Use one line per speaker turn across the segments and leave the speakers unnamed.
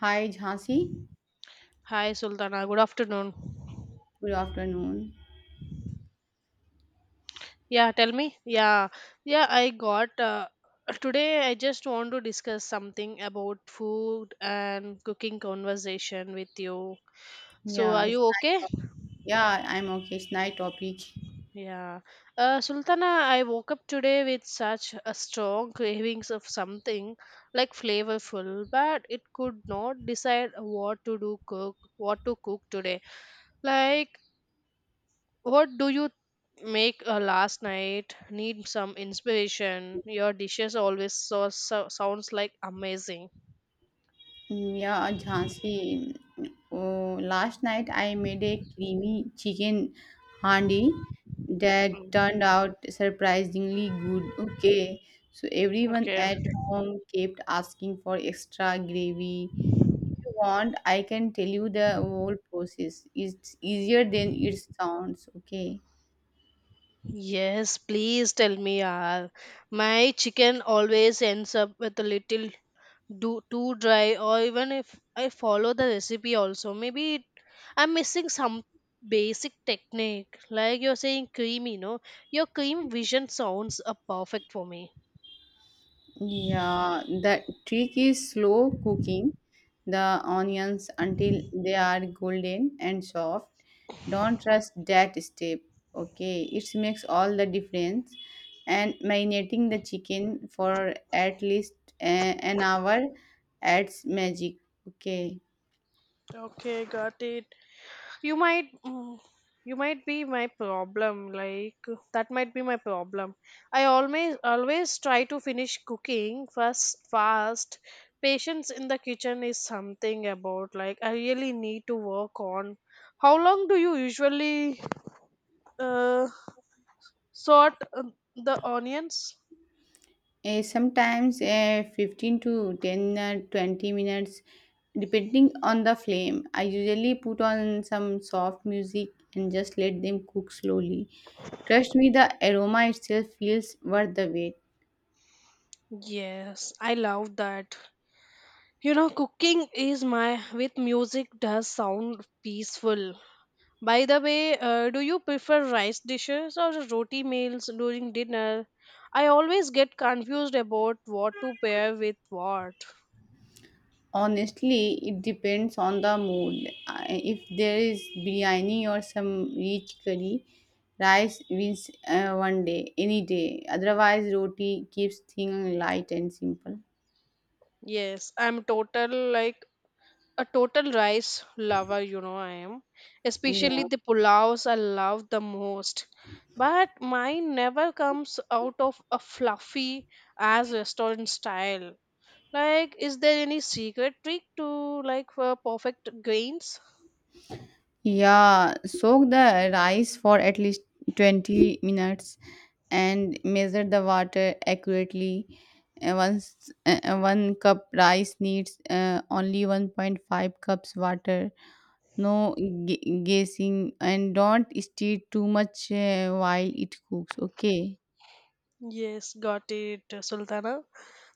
Hi, Jhansi.
Hi Sultana, good afternoon.
Good afternoon.
Yeah, tell me. Yeah, yeah, I got. Today, I just want to discuss something about food and cooking conversation with you. So,
Yeah,
are
it's,
you okay?
yeah, I'm okay. It's night topic.
Yeah. Sultana, I woke up today with such a strong cravings of something like flavorful, but it could not decide what to cook today. Like, what do you make last night? Need some inspiration. Your dishes always so sounds like amazing.
Oh, last night I made a creamy chicken handi that turned
Mm.
out surprisingly good. Okay, so everyone
Okay.
at home kept asking for extra gravy. If you want, I can tell you the whole process. It's easier than it sounds. Okay.
Yes, please tell me, yaar. My chicken always ends up with a little too dry, or even if I follow the recipe, also maybe I'm missing some basic technique. Like you're saying, creamy. No, your cream vision sounds perfect for me.
Yeah, the trick is slow cooking the onions until they are golden and soft. Don't trust that step. Okay, it makes all the difference. And marinating the chicken for at least an hour adds magic. Okay.
Okay, got it. you might mm, you might be my problem, like that might be my problem. I always try to finish cooking first fast. Patience in the kitchen is something about, like, I really need to work on. How long do you usually uh, sort the onions?
Sometimes 15 to 10 or 20 minutes depending on the flame. I usually put on some soft music and just let them cook slowly. Trust me, the aroma itself feels worth the wait.
Yes, I love that. You know, cooking is my with music does sound peaceful. By the way, do you prefer rice dishes or roti meals during dinner? I always get confused about what to pair with what.
Honestly, it depends on the mood. If there is biryani or some rich curry, rice wins one day, any day. Otherwise roti keeps things light and simple.
Yes, I'm total like a total rice lover, you know, I am. Especially
Yeah.
the pulaos I love the most. But mine never comes out of a fluffy as restaurant style. Like, is there any secret trick to, like, for perfect grains?
Yeah, soak the rice for at least 20 minutes and measure the water accurately. Once 1 cup rice needs only 1.5 cups water. No guessing and don't stir too much while it cooks, okay?
Yes, got it, Sultana.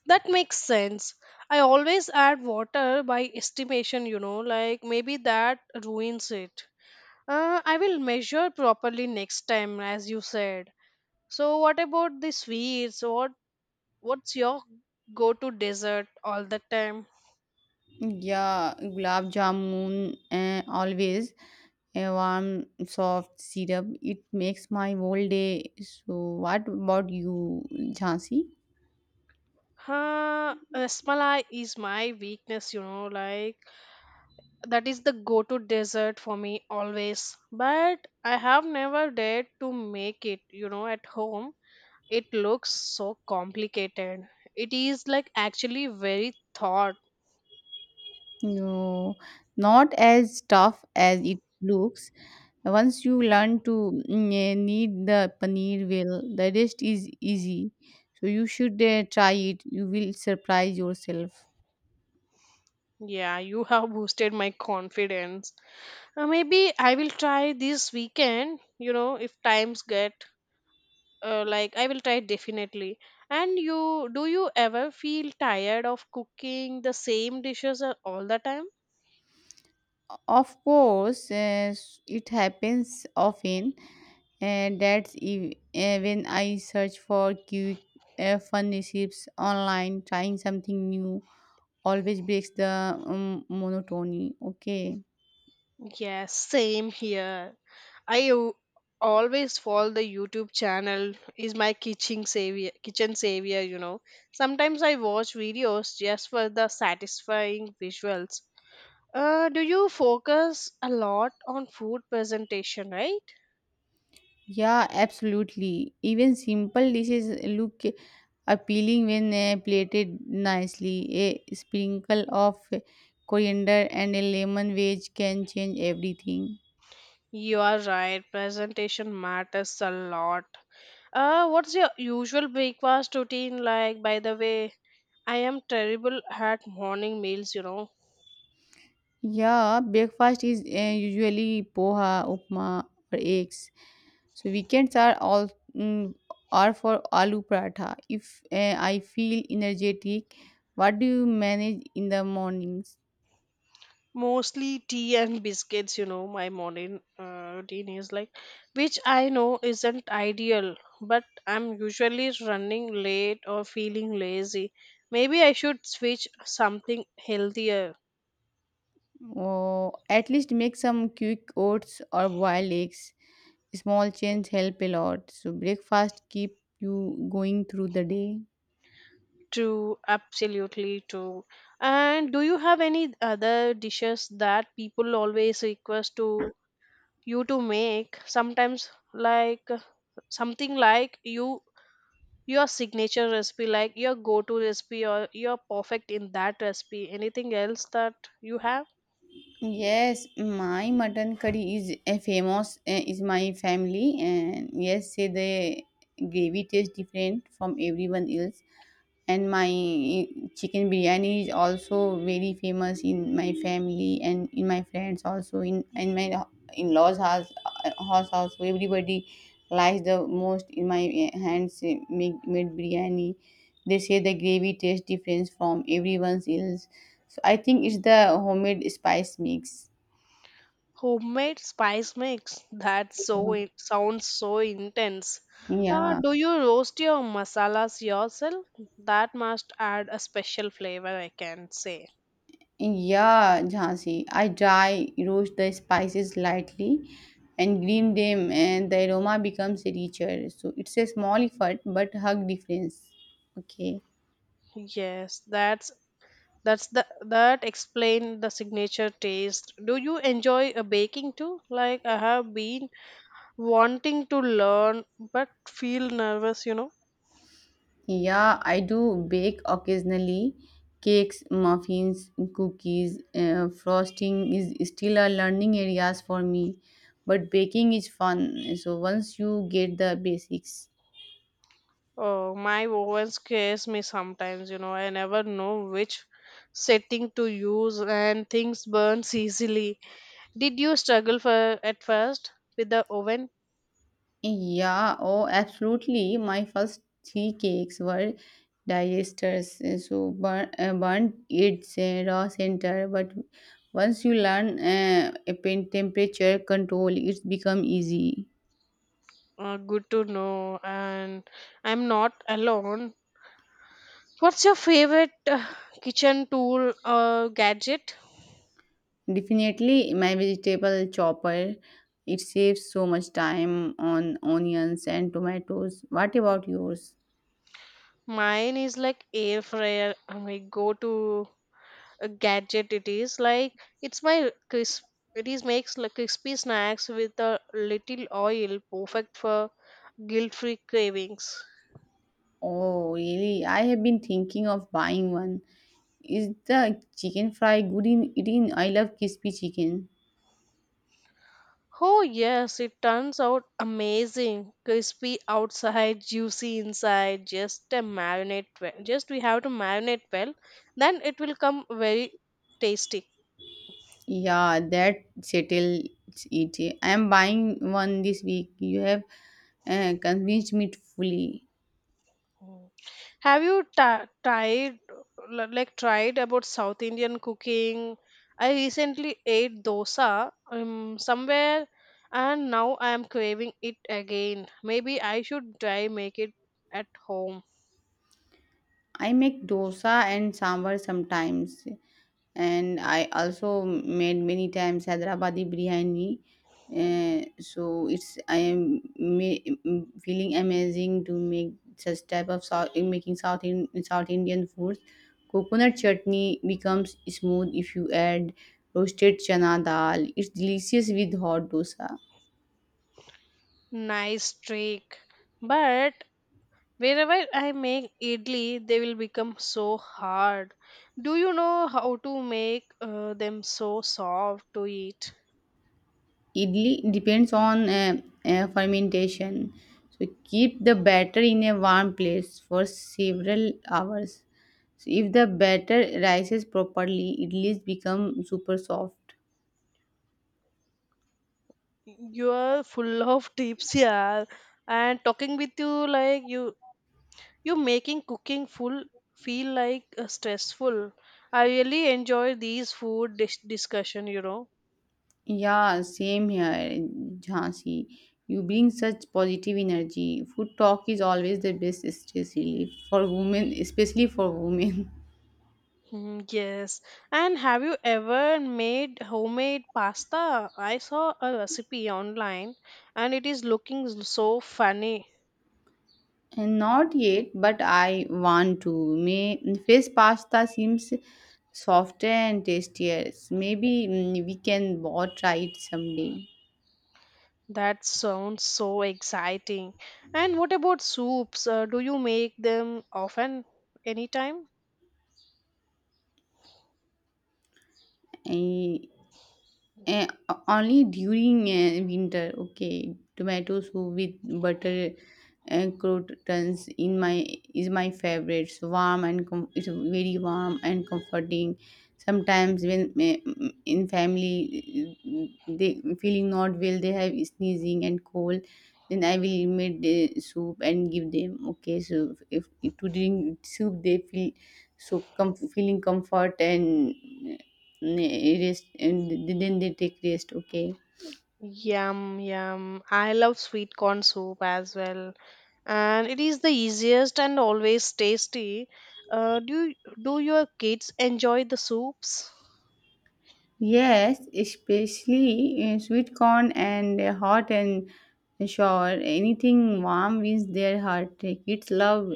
That makes sense. I always add water by estimation, like maybe that ruins it. I will measure properly next time, as you said. So, what about the sweets? What's your go-to dessert all the time?
Yeah, gulab jamun always a warm, soft syrup. It makes my whole day. So, what about you, Jhansi?
Huh, rasmalai is my weakness, you know, like that is the go-to dessert for me always. But I have never dared to make it, you know, at home. It looks so complicated. It is like actually very thought.
No, not as tough as it looks. Once you learn to knead the paneer well, the rest is easy. So, you should try it. You will surprise yourself.
Yeah, you have boosted my confidence. Maybe I will try this weekend, you know, if times get like I will try definitely. And you do you ever feel tired of cooking the same dishes all the time?
Of course, it happens often, and that's when I search for quick fun recipes online. Trying something new always breaks the monotony. Okay.
Yes, same here. I always follow the YouTube channel is my kitchen savior, you know. Sometimes I watch videos just for the satisfying visuals. Uh, do you focus a lot on food presentation, right?
Yeah, absolutely. Even simple dishes look appealing when plated nicely. A sprinkle of coriander and a lemon wedge can change everything.
You are right, presentation matters a lot. What's your usual breakfast routine like, by the way? I am terrible at morning meals, you know.
Yeah, breakfast is usually poha, upma, or eggs. So weekends are for aloo paratha. If I feel energetic, what do you manage in the mornings?
Mostly tea and biscuits, you know, my morning routine is like, which I know isn't ideal, but I'm usually running late or feeling lazy. Maybe I should switch something healthier.
Oh, at least make some quick oats or boiled eggs. Small change help a lot. So breakfast keep you going through the day.
To absolutely to. And do you have any other dishes that people always request to you to make sometimes, like something like you, your signature recipe, like your go-to recipe or you're perfect in that recipe, anything else that you have?
Yes, my mutton curry is a famous is my family and yes, say the gravy tastes different from everyone else, and my chicken biryani is also very famous in my family and in my friends also, in my in-laws house, house also. Everybody likes the most in my made biryani. They say the gravy tastes different from everyone else. So I think it's the homemade spice mix.
Homemade spice mix that, so it sounds so intense. Uh,
Yeah,
do you roast your masalas yourself? That must add a special flavor, I can say.
yeah, Jhansi. I dry roast the spices lightly and green them, and the aroma becomes richer. So it's a small effort but hug difference. Okay.
Yes, that's the that explain the signature taste. Do you enjoy a baking too? Like I have been wanting to learn, but feel nervous, you know.
Yeah, I do bake occasionally cakes, muffins, cookies. Frosting is still a learning areas for me, but baking is fun. So once you get the basics.
Oh, my oven scares me sometimes, you know. I never know which setting to use and things burns easily. Did you struggle for at first with the oven?
Yeah, oh, absolutely. My first three cakes were digestives, so burnt its raw center. But once you learn temperature control, it's become easy.
Good to know. And I'm not alone. What's your favorite kitchen tool or gadget?
Definitely, my vegetable chopper. It saves so much time on onions and tomatoes. What about yours?
Mine is like air fryer. I go to a gadget, it is like it's my crisp, it is makes like crispy snacks with a little oil, perfect for guilt-free cravings.
Oh, really? I have been thinking of buying one. Is the chicken fry good in eating? I love crispy chicken.
Oh, yes, it turns out amazing crispy outside juicy inside, just a marinate well. Just we have to marinate well. Then it will come very tasty.
Yeah, that settles it. I am buying one this week. You have convinced me fully.
Have you ta tried like tried about South Indian cooking? I recently ate dosa somewhere and now I am craving it again. Maybe I should try make it at home.
I make dosa and sambar sometimes, and I also made many times Hyderabadi biryani. So it's I am feeling amazing to make such type of South in making South in South Indian foods. Coconut chutney becomes smooth if you add roasted chana dal. It's delicious with hot dosa.
Nice trick. But wherever I make idli, they will become so hard. Do you know how to make them so soft to eat?
Idli depends on fermentation. So keep the batter in a warm place for several hours. So if the batter rises properly, idlis become super soft.
You are full of tips, yeah. And talking with you, like you making cooking full, feel like stressful. I really enjoy these discussion, you know.
Yeah, same here, Jhansi. You bring such positive energy. Food talk is always the best stress relief for women, especially for women.
Hmm, yes. And have you ever made homemade pasta? I saw a recipe online and it is looking so funny.
And not yet, but I want to. May fish pasta seems softer and tastier. Maybe we can both try it someday.
That sounds so exciting. And what about soups? Uh, do you make them often, anytime?
Eh, only during winter. Okay, tomato soup with butter and croutons in my is my favorite. It's it's very warm and comforting. Sometimes when in family they feeling not well, they have sneezing and cold. Then I will make the soup and give them. Okay, so if to drink soup they feel feeling comfort and Ne, rest, and didn't they take rest. Okay.
Yum, yum. I love sweet corn soup as well. And it is the easiest and always tasty. Uh, do do your kids enjoy the soups?
Yes, especially sweet corn and hot and sour. Anything warm wins their heart. Kids love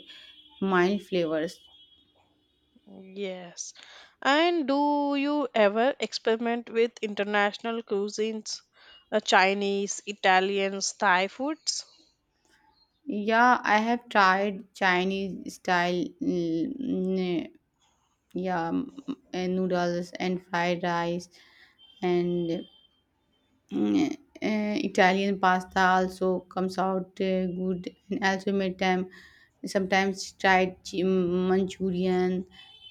mild flavors.
Yes. And do you ever experiment with international cuisines, Chinese, Italians, Thai foods?
Yeah, I have tried chinese style mm, mm, yeah mm, and noodles and fried rice, and Mm, Italian pasta also comes out good, and also made time sometimes tried Manchurian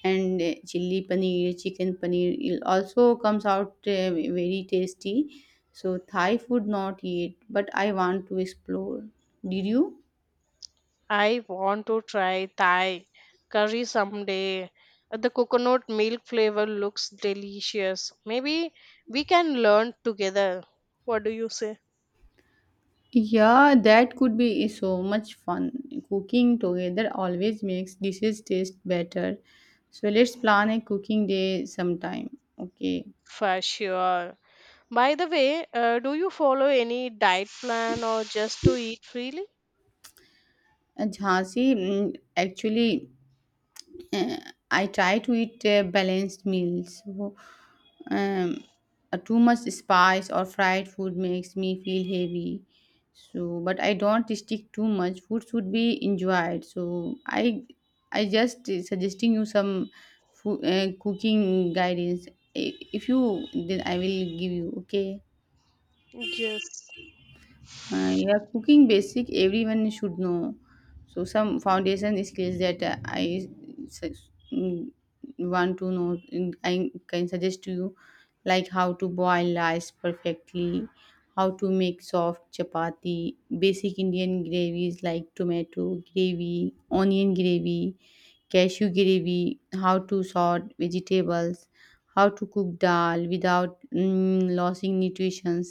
and chili paneer, chicken paneer. It also comes out very tasty. So Thai food not yet, but I want to explore. Did you?
I want to try Thai curry someday. The coconut milk flavor looks delicious. Maybe we can learn together. What do you say?
Yeah, that could be so much fun. Cooking together always makes dishes taste better. So let's plan a cooking day sometime. Okay.
For sure. By the way, do you follow any diet plan or just to eat freely?
Jhansi, actually, uh, I try to eat balanced meals. So, um, too much spice or fried food makes me feel heavy. So, but I don't stick too much. Food should be enjoyed. So, I just suggesting you some food, cooking guidance. If you, then I will give you. Okay.
Yes.
Yeah, cooking basic everyone should know. So some foundation skills that I sus- mm, want to know, I can suggest to you, like how to boil rice perfectly, how to make soft chapati, basic Indian gravies like tomato gravy, onion gravy, cashew gravy, how to sort vegetables, how to cook dal without losing nutrition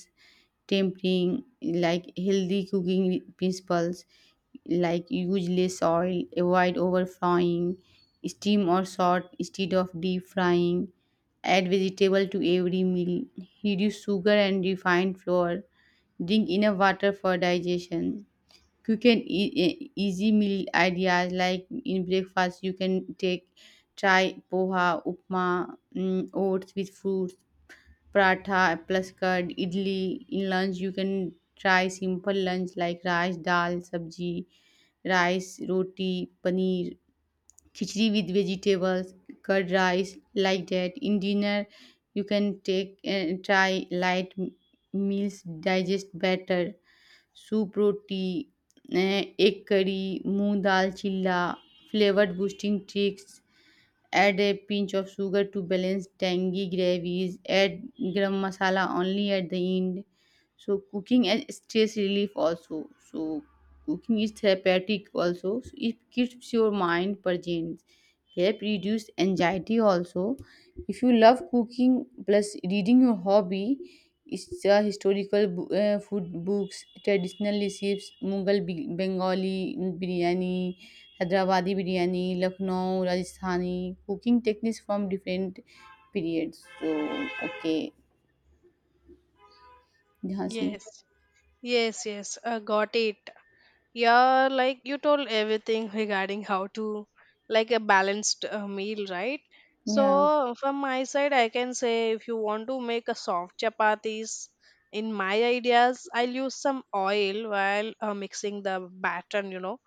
tempting, like healthy cooking principles like use less oil, avoid overfrying, steam or salt instead of deep frying, add vegetable to every meal, reduce sugar and refined flour, drink enough water for digestion. Quick and easy meal ideas like in breakfast you can take try poha, upma, oats with fruits, paratha plus curd, idli. In lunch, you can try simple lunch like rice, dal, sabji, rice, roti, paneer, khichdi with vegetables, curd rice, like that. In dinner, you can take try light meals, digest better, soup, roti, egg curry, moong dal chilla, flavored boosting tricks. Add a pinch of sugar to balance tangy gravies, add garam masala only at the end. So cooking as stress relief also. So cooking is therapeutic also. So it keeps your mind present. Help reduce anxiety also. If you love cooking plus reading your hobby, इसका historical food books traditional recipes Mughal Bengali biryani Hyderabadi biryani Lucknow Rajasthani cooking techniques from different periods. So okay, यहाँ से
Yes. Yes, yes. Got it. Yeah, like you told everything regarding how to, like, a balanced meal, right?
yeah,
So from my side, I can say if you want to make a soft chapatis, in my ideas, I'll use some oil while mixing the batter, you know,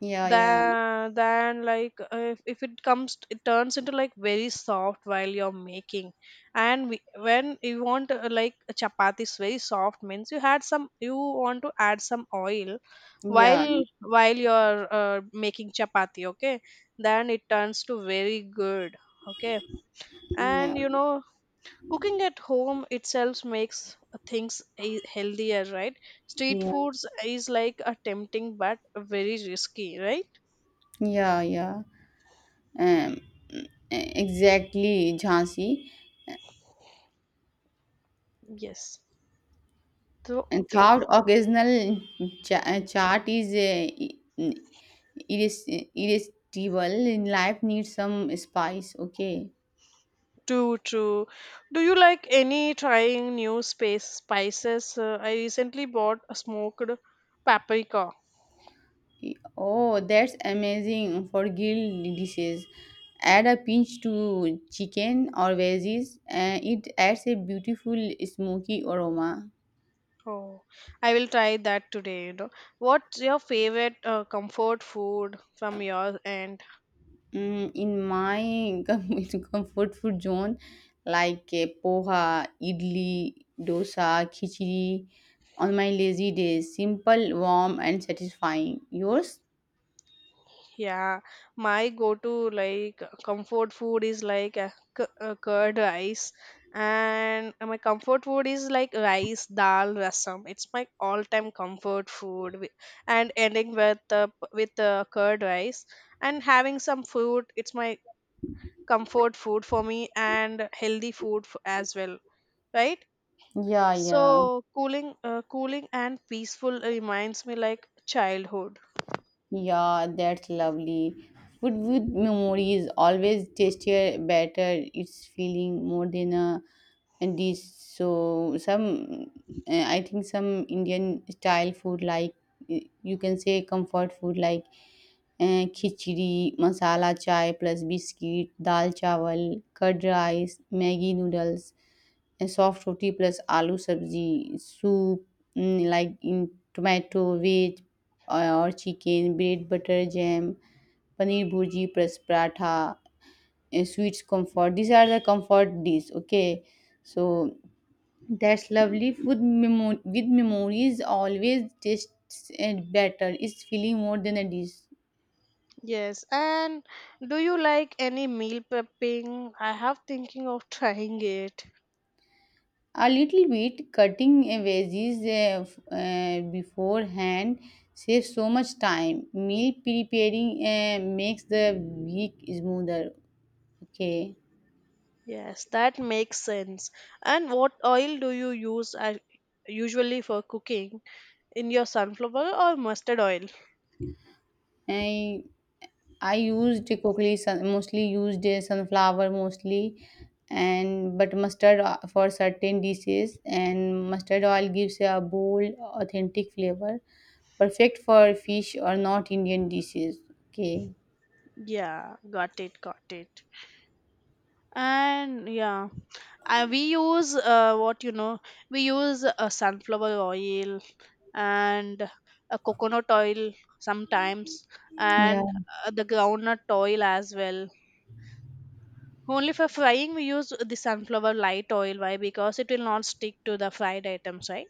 yeah, yeah,
than like if it comes it turns into like very soft while you're making. And we, when you want like a chapati is very soft means you had some, you want to add some oil
yeah,
while you're making chapati, okay? Then it turns to very good, okay.
yeah,
And you know, cooking at home itself makes things healthier, right? Street
yeah,
foods is like a tempting but very risky, right?
yeah, yeah, um, exactly, Jhansi.
Yes. So,
And
okay.
carved occasional chart is irresistible. In life, needs some spice. Okay.
True, true. Do you like any trying new space spices? I recently bought a smoked paprika.
Oh, that's amazing for grilled dishes. Add a pinch to chicken or veggies, and it adds a beautiful smoky aroma.
Oh, I will try that today, you know. What's your favorite comfort food from your end?
In my comfort food zone, like poha, idli, dosa, khichdi, on my lazy days, simple, warm, and satisfying. Yours?
Yeah, my go-to, like comfort food is like a, curd rice, and my comfort food is like rice dal rasam. It's my all-time comfort food, and ending with curd rice and having some fruit. It's my comfort food for me and healthy food as well, right?
Yeah, yeah.
So cooling, cooling and peaceful reminds me like childhood.
Yeah, that's lovely. Food with memory is always tastier, better. It's feeling more than a dish. So some, I think some Indian style food like you can say comfort food like khichdi, masala chai plus biscuit, dal chawal, curd rice, Maggi noodles. Soft roti plus aloo sabzi soup like tomato veg और chicken bread butter jam paneer bhurji plus paratha sweets comfort. These are the comfort dish. Okay, so that's lovely. Food with memories always tastes and better. It's feeling more than a dish.
Yes. And do you like any meal prepping? I have thinking of trying it.
A little bit cutting a veggies beforehand saves so much time. Meal preparing makes the week smoother. Okay.
Yes, that makes sense. And what oil do you use usually for cooking? In your sunflower or mustard oil?
I i used cookies sun- mostly used uh, sunflower mostly, and but for certain dishes and mustard oil gives a bold authentic flavor, perfect for fish or not Indian dishes. Okay.
Yeah, got it, got it. And yeah, I we use what you know, we use sunflower oil and a coconut oil sometimes,
Yeah.
and the groundnut oil as well. Only for frying, we use the sunflower light oil. Why? Because it will not stick to the fried items, right?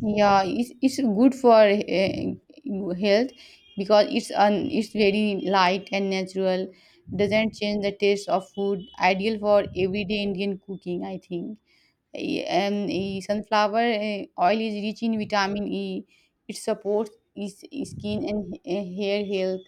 Yeah, it's good for health because it's very light and natural. Doesn't change the taste of food. Ideal for everyday Indian cooking, I think. And sunflower oil is rich in vitamin E. It supports skin and hair health,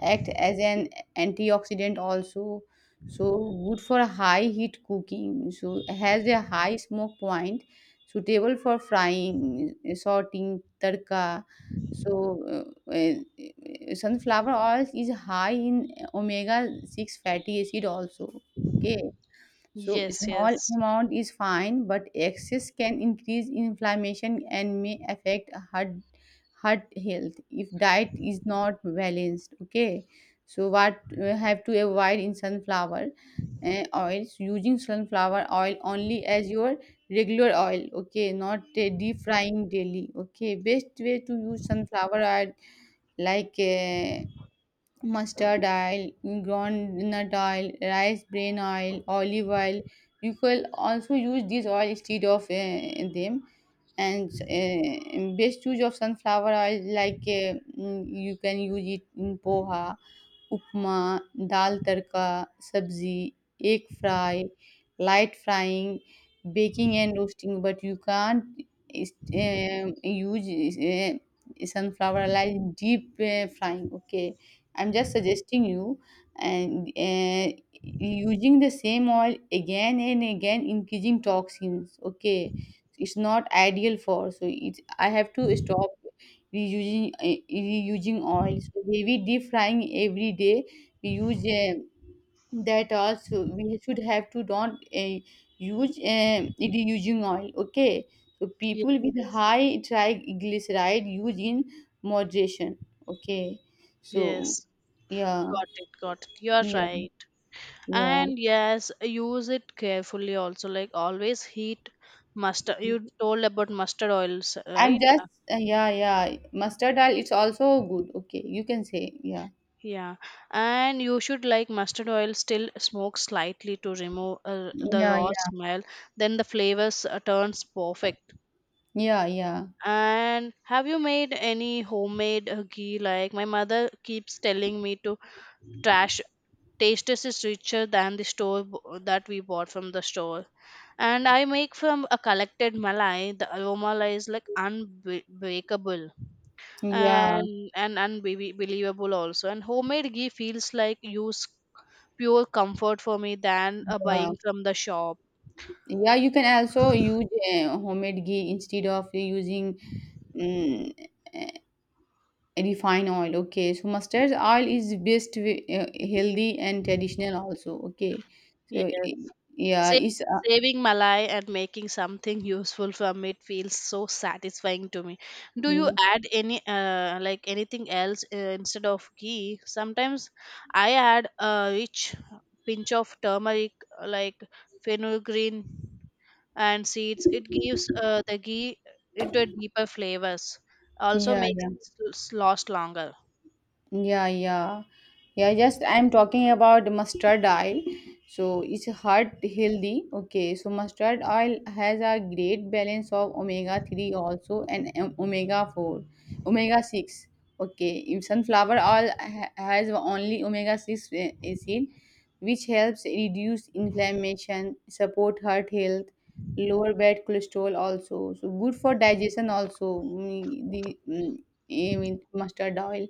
act as an antioxidant also. So good for high heat cooking. So has a high smoke point, suitable for frying, sorting, tadka. So sunflower oil is high in omega-6 fatty acid also. Okay, so a
Yes,
small
yes,
amount is fine, but excess can increase inflammation and may affect heart health if diet is not balanced. Okay, so what we have to avoid in sunflower oils? Using sunflower oil only as your regular oil. Okay, not deep frying daily. Okay, best way to use sunflower oil like. Mustard oil, groundnut oil, rice bran oil, olive oil. You can also use these oil instead of them. And best use of sunflower oil, like you can use it in poha, upma, dal tadka, sabzi, egg fry, light frying, baking and roasting, but you can't is use is sunflower oil deep frying. Okay, I'm just suggesting you. And using the same oil again and again increasing toxins. Okay, it's not ideal. For so it's I have to stop reusing eh, reusing oils, heavy deep frying every day. We use that also. We should have to don't use, reusing oil. Okay, so
yes,
people with
yes.
high triglyceride use in moderation. Okay, so
Yes.
yeah,
Got it, got it. You are
yeah,
right.
yeah.
And yes, use it carefully also. Like always, heat mustard. You told about mustard oils,
And
right?
just yeah, yeah. Mustard oil. It's also good. Okay, you can say yeah,
Yeah. And you should like mustard oil still smoke slightly to remove the
yeah,
raw
yeah,
smell. Then the flavors turns perfect.
yeah, yeah,
And have you made any homemade ghee? Like my mother keeps telling me to trash. Tasteless is richer than the that we bought from the store. And I make from a collected malai. The aroma is like unbreakable
yeah,
and unbelievable also. And homemade ghee feels like use pure comfort for me than
yeah.
buying from the shop.
Yeah, you can also use homemade ghee instead of using um, refined oil. Okay, so mustard oil is best, healthy and traditional also. Okay, so
Yes.
yeah,
Sa-
it's
Saving malai and making something useful from it feels so satisfying to me. Do you add any like anything else instead of ghee? Sometimes I add a rich pinch of turmeric, like fenugreek and seeds. It gives the ghee into a deeper flavors. Also
yeah,
makes
yeah.
it last longer.
Yeah, yeah. Yeah, just I'm talking about mustard oil. So it's heart healthy. Okay, so mustard oil has a great balance of omega 3 also and omega 4, omega 6. Okay, in sunflower oil has only omega 6 acid, which helps reduce inflammation, support heart health, lower bad cholesterol also. So good for digestion also. The with mustard oil.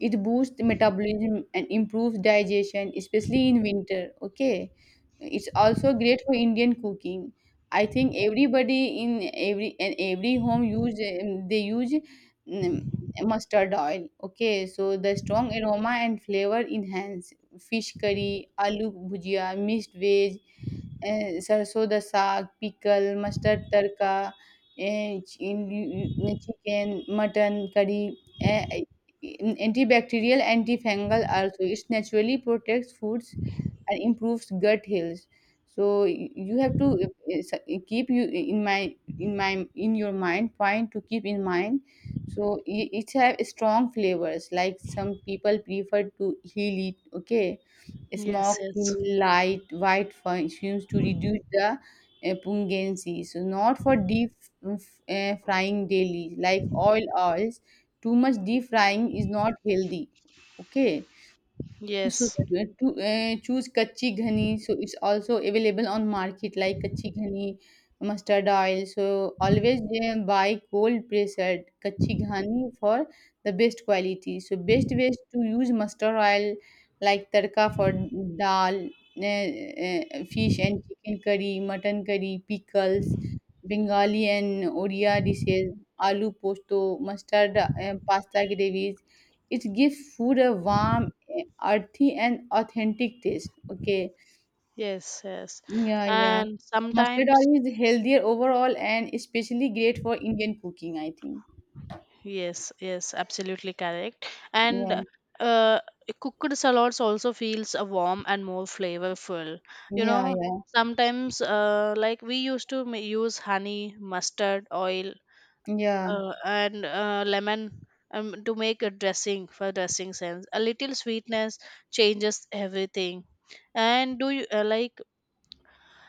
It boosts metabolism and improves digestion, especially in winter. Okay, it's also great for Indian cooking. I think everybody in every home use, they use mm, mustard oil. Okay, so the strong aroma and flavor enhance fish curry, aloo bhujia, mixed veg, a, sarson da saag, pickle, mustard tadka, uh, chin chicken, mutton curry, uh, antibacterial, antifungal also. It naturally protects foods and improves gut health. So you have to uh, keep you in my in my in your mind point to keep in mind. So it have strong flavors. Like some people prefer to heal it. Okay,
Yes,
smoke
yes,
in light white fumes to reduce the pungency. So not for deep frying daily, like oils. Too much deep frying is not healthy. Okay. So,
yes,
to choose kachi ghani. So it's also available on market like kachi ghani, mustard oil. So always buy cold pressed kachi ghani for the best quality. So best ways to use mustard oil like tarka for dal, fish and chicken curry, mutton curry, pickles, Bengali and Odia dishes, aloo posto, mustard pasta gravies. It gives food a warm, earthy and authentic taste. Okay.
yes, yes.
Yeah, yeah.
And
Mustard
sometimes.
oil is healthier overall and especially great for Indian cooking, I think.
Yes, yes, absolutely correct.
Yeah.
And uh, cooked salads also feels warm and more flavorful. You
Yeah,
know,
yeah.
sometimes like we used to use honey, mustard, oil,
Yeah.
and lemon to make a dressing for dressing sense. A little sweetness changes everything. And do you like?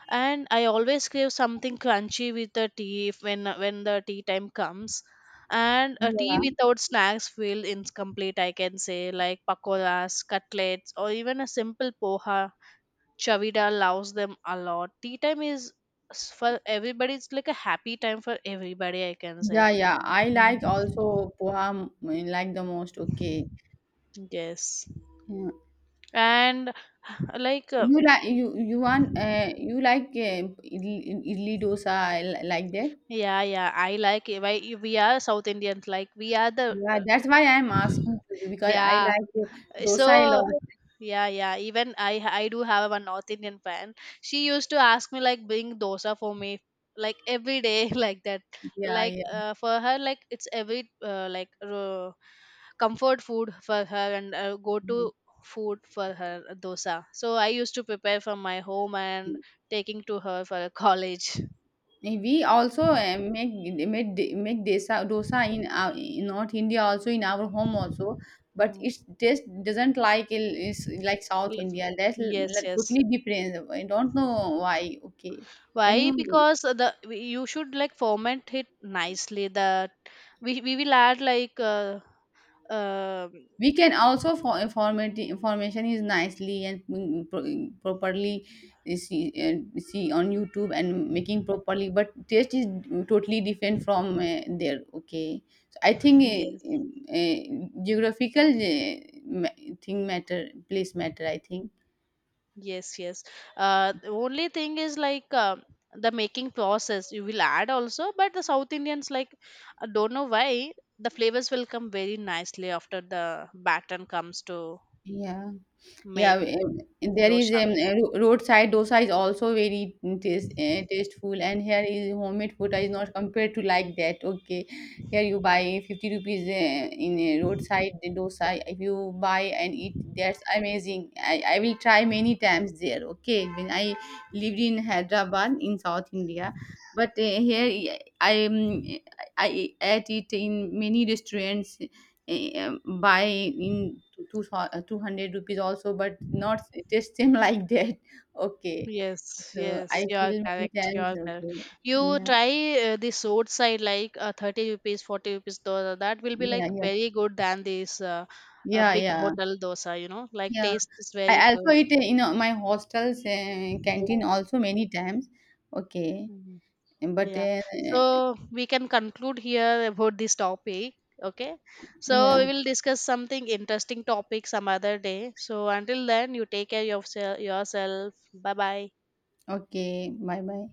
And I always crave something crunchy with the tea if when the tea time comes. And a
Yeah.
tea without snacks feel incomplete, I can say, like pakoras, cutlets, or even a simple poha. Chavida loves them a lot. Tea time is for everybody. It's like a happy time for everybody, I can say.
Yeah, yeah. I like
Mm.
also poha like the most. Okay.
Yes.
Yeah.
And like
You like, you like idli, idli dosa, like that?
yeah, yeah, I like it. Why we are South Indians, like we are the
Yeah, that's why I'm asking to you because I
yeah.
like dosa a
So,
lot.
yeah, yeah. Even I do have a North Indian friend. She used to ask me like bring dosa for me like every day like that.
Yeah,
Like
yeah,
for her like it's every like comfort food for her and go to food for her dosa. So I used to prepare from my home and
yeah.
taking to her for a college.
We also make desa dosa in our, in North India also, in our home also, but
Mm.
its taste doesn't is like South
L-
India. That's
Yes,
like
yes.
totally different. I don't know why. Okay, can
Why?
you?
Because the you should like ferment it nicely. That we will add like um,
We can also for information is nicely and properly see on YouTube and making properly, but taste is totally different from there. Okay, so I think
yes,
geographical thing matter, place matter. I think
yes, yes. The only thing is like the making process you will add also, but the South Indians, like I don't know why, the flavors will come very nicely after the baton comes to
yeah. Yeah,
make
there is
dosha.
a roadside dosa is also very tasteful, and here is homemade food is not compared to like that. Okay, here you buy 50 rupees in a roadside dosa. If you buy and eat, that's amazing. I will try many times there. Okay, when I lived in Hyderabad in South India, but here I I, um, I ate it in many restaurants, eh, buy in two two hundred rupees also, but not just same like that. Okay,
Yes,
so
yes,
I
you are
feel many
correct, you
times.
are correct.
Okay,
You
yeah,
try the roadside like 30 rupees 40 rupees dosa. That will be
yeah,
like
yeah,
very good than this
yeah,
big
yeah.
hotel dosa, you know, like
Yeah,
taste is very
I also
good.
eat in my hostel's canteen also many times. Okay,
Mm-hmm.
but
Yeah. So we can conclude here about this topic. Okay. So
yeah,
we will discuss something interesting topic some other day. So until then, you take care of yourself. Bye bye.
okay, bye bye.